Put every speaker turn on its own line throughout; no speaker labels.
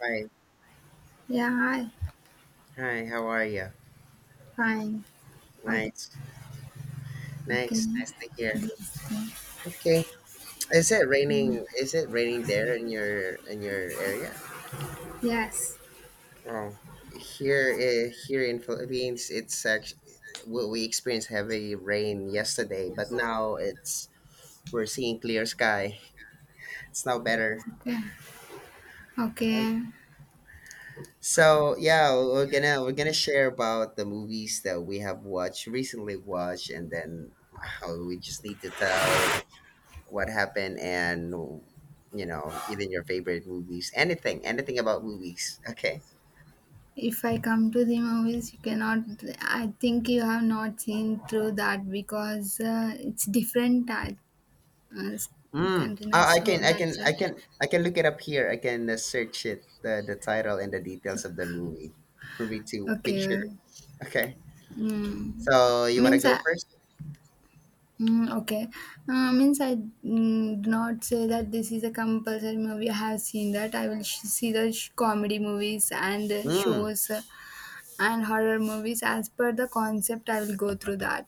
Hi,
Yeah, hi.
hi, how are you?
Fine. What?
Nice,
Okay.
nice, nice to hear.
This thing.
Okay, is it raining? Is it raining there in your area?
Yes.
Oh, here, here in Philippines, it's actually we experienced heavy rain yesterday, but now it's we're seeing clear sky. It's now better.
Okay.
Okay.
Okay.
So yeah, we're gonna share about the movies that we have watched, and then how we just need to tell what happened and even your favorite movies, anything about movies. Okay.
If I come to the movies, you cannot. I think you have not seen through that because it's different type uh, s-
Mm.
container.
Oh, i
So
can i can
that's why.
i can i can look it up here. I can search it, the title and the details of the movie for me to picture.
Okay.
Okay,
Mm.
so you want to
Means I.
go first?
Okay. Means I do not say that this is a compulsory movie. I have seen that. I will see the comedy movies and
mm.
shows. And horror movies as per the concept I will go through that.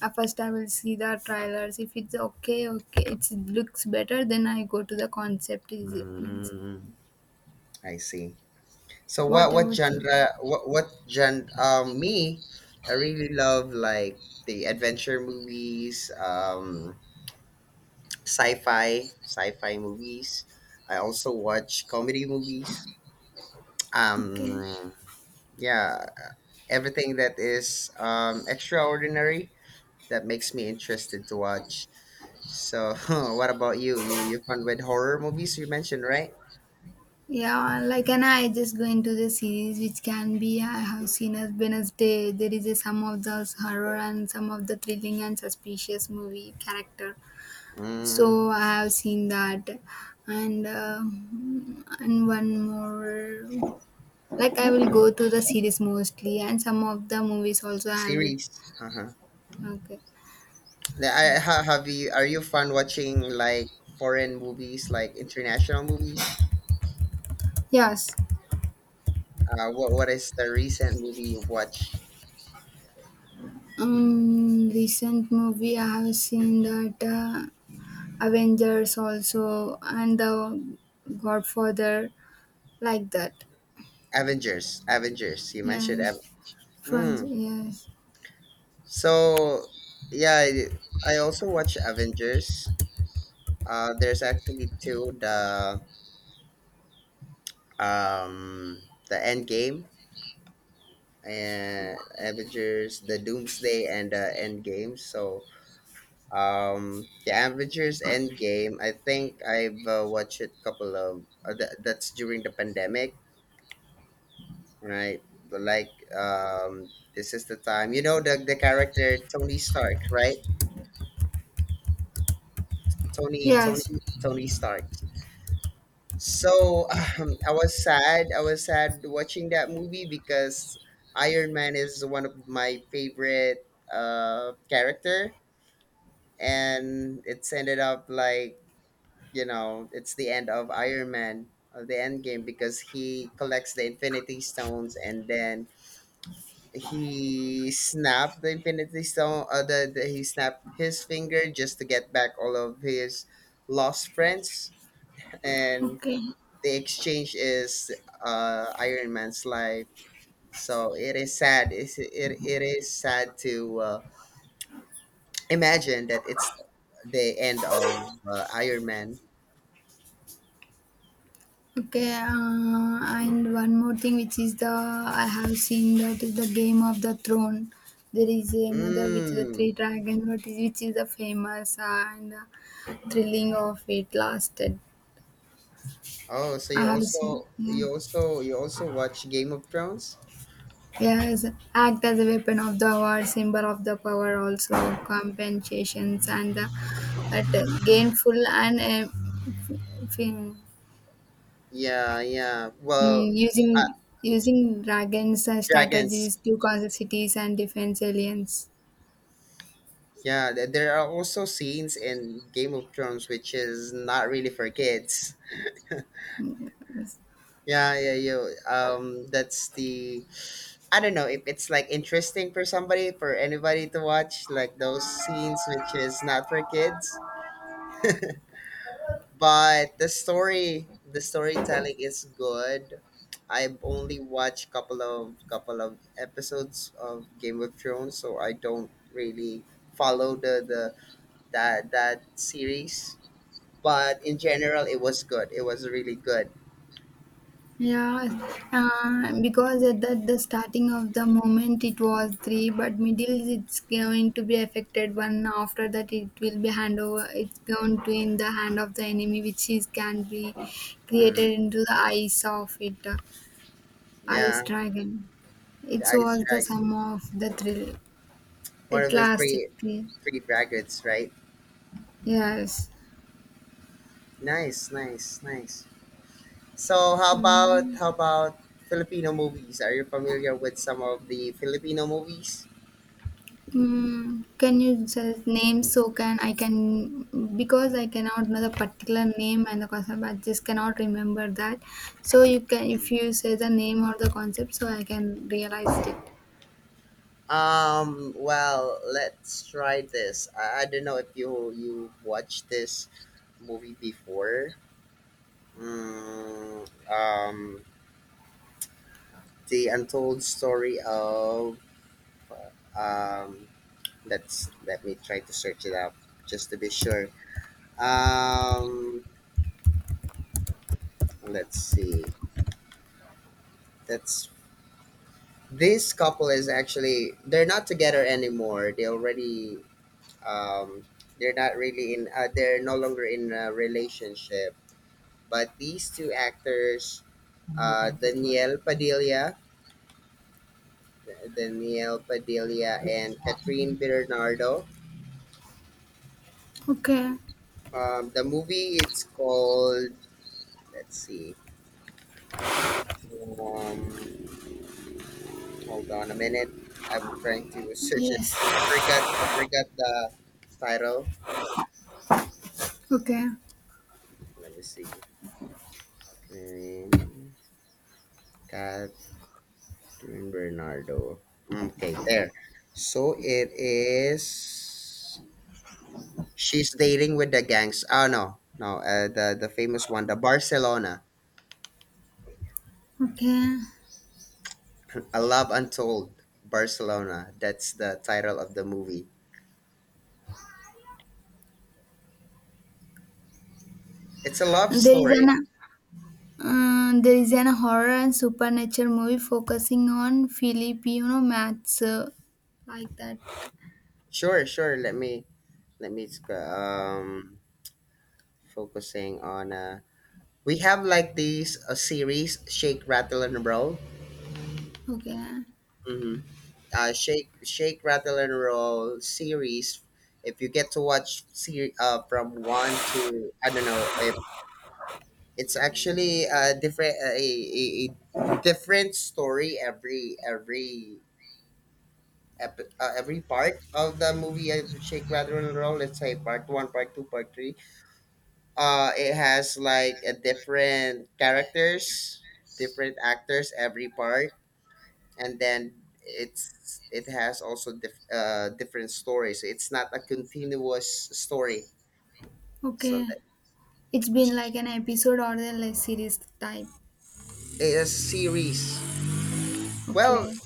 First I will see the trailers if it's okay. Okay, it looks better, then I go to the concept is it means.
Mm, I see. So what
What
what
about you?
genre what what genre? Me I really love like the adventure movies, sci-fi movies. I also watch comedy movies.
Okay.
um yeah, everything that is extraordinary, that makes me interested to watch. So what about You fun with horror movies, you mentioned, right?
Yeah, like and I just go into the series which can be I have seen as Wednesday. There is a some of those horror and some of the thrilling and suspicious movie character, so
mm,
I have seen that. and uh, and one more. Like I will go to the series mostly, and some of the movies also I will.
Series, uh-huh.
Okay.
The- I, ha- have you are you fun watching like foreign movies, like international movies?
Yes.
What is the recent movie you watched?
Recent movie I have seen that Avengers also and the Godfather, like that.
Avengers, Avengers. You mentioned
Yes. From
Avengers.
yes.
So yeah, I also watch Avengers. There's actually two, um the End Game and Avengers, the Doomsday and the End Game. So the Avengers End Game, I think I've watched a couple of that's during the pandemic, right? Like this is the time, the character Tony Stark, right? Tony
Yes.
Tony Tony Stark. So I was sad. I was sad watching that movie because Iron Man is one of my favorite character, and it's ended up like, it's the end of Iron Man, the end game, because he collects the Infinity Stones and then he snapped the Infinity Stone. The he snapped his finger just to get back all of his lost friends, and
Okay.
the exchange is Iron Man's life. So it is sad. It is sad to imagine that it's the end of Iron Man.
Okay, and one more thing, which is the I have seen that is the Game of the Throne. There is a mother with the three
Mm.
dragons, which is the famous and thrilling of it lasted.
Oh, so
I
you
have seen,
also
yeah.
you also you also watch Game of Thrones?
Yes, act as a weapon of the war, symbol of the power, also compensations and the, at gainful f- f-
Yeah, yeah. Well, uh,
Using using dragons as
dragons.
strategies to conquer cities and defense aliens.
Yeah, there are also scenes in Game of Thrones which is not really for kids.
Mm.
Yeah, yeah, yeah. That's the I don't know if it's like interesting for somebody, for anybody to watch, like those scenes which is not for kids. But the story, the storytelling is good. I've only watched couple of episodes of Game of Thrones, so I don't really follow the that series. But in general, it was good. It was really good.
Yeah, because at the starting of the moment it was three, but middle it's going to be affected one. After that, it will be hand over. It's going to in the hand of the enemy, which is can be
Mm,
created into the eyes of it, eyes
yeah,
dragon.
the
It
Ice
was the
Dragon,
sum of the thrill.
one
At
of the
last, it
three
clear.
dragons, right?
Yes.
Nice, nice, nice. So how about
Mm,
how about Filipino movies? Are you familiar with some of the Filipino movies?
can you just name so can I can because I cannot know the particular name and the concept I just cannot remember that. So you can,
Mm.
if you say the name or the concept so I can realize it.
Um, well, let's try this. I don't know if you watched this movie before. Mm, the untold story of um, let me try to search it up just to be sure. Um, let's see. That's this couple is actually they're not together anymore. They already um they're not really in they're no longer in a relationship, but these two actors uh danielle padilla danielle Padilla and Catherine Bernardo,
Okay.
the movie it's called, let's see, um, hold on a minute, I'm trying to search it.
Yes.
I forgot the title.
Okay.
Let me see. catherine Catherine Bernardo. Okay, there. So it is. She's dating with the gangs. Oh no, no. The famous one, the Barcelona,
Okay.
A Love Untold, Barcelona. That's the title of the movie. It's a love
There is
story.
an horror and supernatural movie focusing on Filipino maths, like that.
Sure, sure. Let me focusing on. We have like these a series, Shake, Rattle, and Roll.
Okay.
Mhm. Shake Rattle and Roll series, if you get to watch from one to I don't know if it's actually a different a different story every every part of the movie. Shake Rattle and Roll, let's say part one, part two, part three. It has like a different characters, different actors every part, and then it has also different stories. It's not a continuous story. So
Okay.
that
It's been like an episode or the like series type.
a series. Well,
Okay.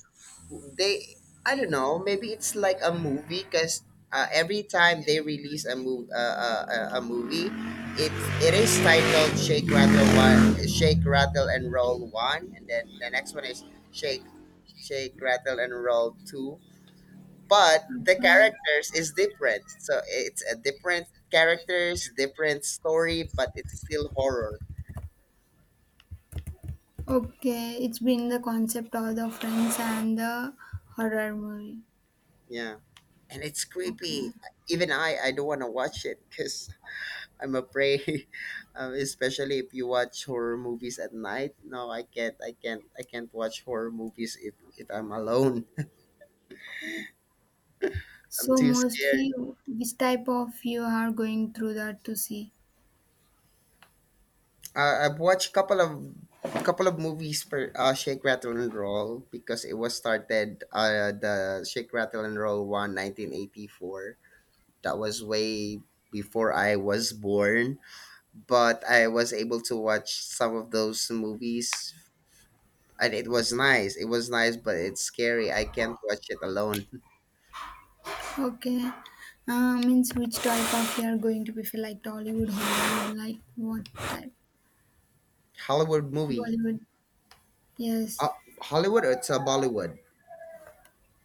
they I don't know. Maybe it's like a movie because every time they release a move a movie, it it is titled Shake Rattle One, Shake Rattle and Roll One, and then the next one is Shake Shake Rattle and Roll Two, but the
Okay.
characters is different, so it's a different characters, different story, but it's still horror.
Okay. It's been the concept of the friends and the horror movie.
Yeah, and it's
Okay.
creepy. Even I don't want to watch it because I'm afraid. Um, especially if you watch horror movies at night. No, I can't watch horror movies if I'm alone. I'm
So
too scared.
mostly which type of you are going through that to see?
I've watched couple of movies for Shake Rattle and Roll, because it was started the Shake Rattle and Roll one 1984. That was way before I was born, but I was able to watch some of those movies, and it was nice. It was nice, but it's scary. I can't watch it alone.
Okay. Means which type of you are going to prefer, like Tollywood, Hollywood, like what type?
Hollywood movie.
Bollywood. Yes.
Uh, Hollywood or it's a Bollywood?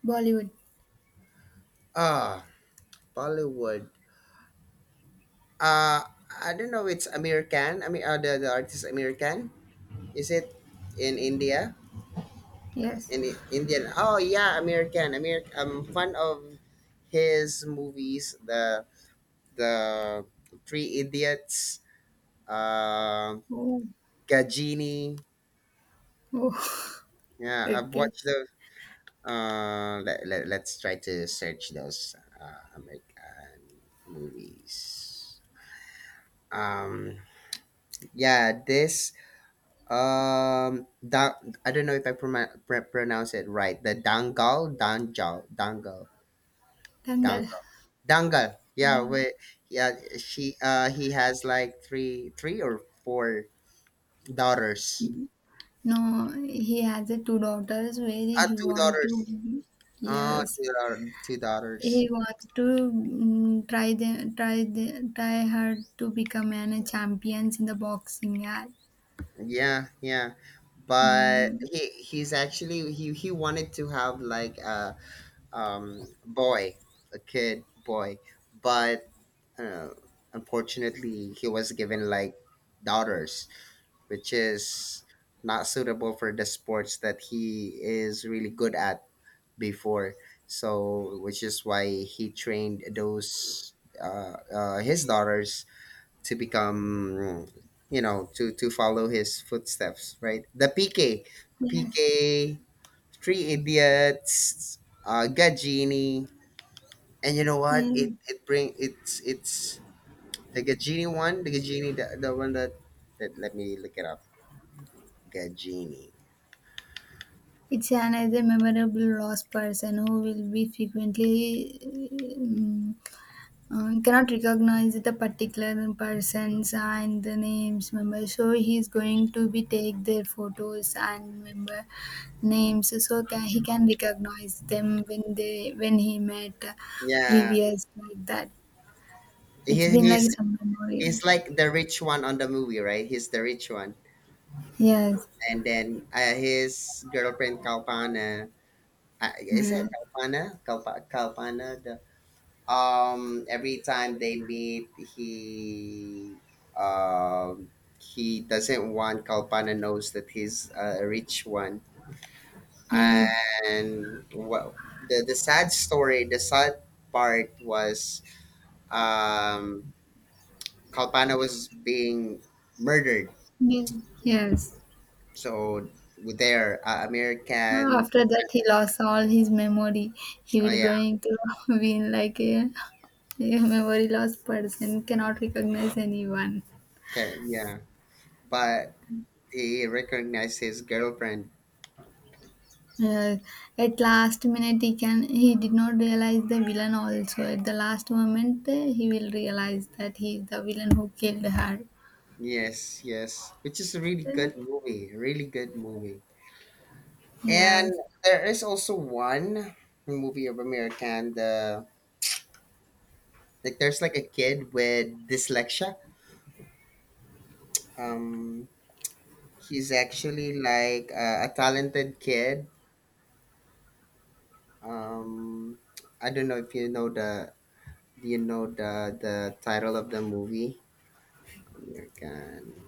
Bollywood.
Ah, Bollywood. Uh, I don't know. It's American. I mean, the artist, American? Is it in India?
Yes.
Indian? Oh yeah, American. American. Amir. I'm fan of his movies. The the Three Idiots. Uh,
Oh.
Gajini.
Oh.
Yeah, I've
Okay.
watched the. Let's try to search those American movies. Um, yeah, this um, I don't know if I pronounce it right. The
Dangal.
dangal, dangal.
Yeah.
Yeah, wait, yeah. She, he has like three or four daughters.
No, he has a two daughters where
Ah,
he
two
want
daughters.
to.
Oh,
Yes,
two daughters.
he wants to try them try the try her to become an champions in the boxing, yeah.
Yeah, yeah. But
Mm,
he's actually he wanted to have like a boy, a kid boy, but uh, unfortunately he was given like daughters, which is not suitable for the sports that he is really good at before, so which is why he trained those his daughters to become, to follow his footsteps, right? The PK,
yes.
PK, Three Idiots, Gadgini. And what,
Mm.
it's the Gajini one, the Gajini, the one that, that let me look it up. Gajini.
It's another memorable lost person who will be frequently, mm, he cannot recognize the particular persons and the names member, so he is going to be take their photos and member names so can, he can recognize them when he met,
Yeah,
previous like that. It's
he,
been like
he's
some memorial.
he's like the rich one on the movie, right? He's the rich one,
Yes.
and then his girlfriend Kalpana. Is it
Yes.
Kalpana? Kalpana. The every time they meet, um he doesn't want Kalpana knows that he's a rich one.
Yes.
And well, the sad story, the sad part was um, Kalpana was being murdered.
Yes, yes.
So there,
No,
American,
after that he lost all his memory. He
oh
will
yeah,
going to be like a memory loss person, cannot recognize anyone.
okay, yeah, but he recognized his girlfriend.
Uh, at last minute he did not realize the villain also. At the last moment he will realize that he is the villain who killed her.
Yes, yes, which is a really
Uh,
good movie, really good movie. And
Yes.
there is also one movie of American, the like there's like a kid with dyslexia. Um, He's actually like a talented kid. Um, I don't know if you know the the title of the movie. American,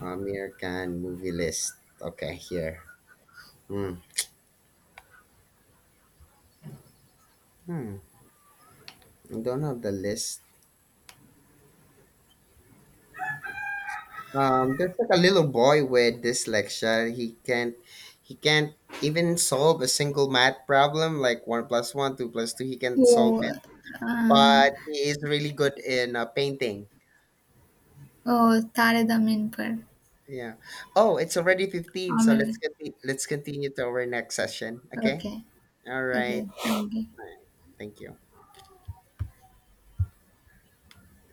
American movie list. Okay, here. Hmm. Hmm. I don't have the list. There's like a little boy with dyslexia. He can't even solve a single math problem, like one plus one, two plus two. He can't solve
Oh,
it.
uh,
But he is really good in painting.
oh, Tare Damin par.
Yeah. Oh, it's already 15, so
Amal.
let's continue to our next session, okay?
Okay.
All right.
Okay. Thank you.
Thank you.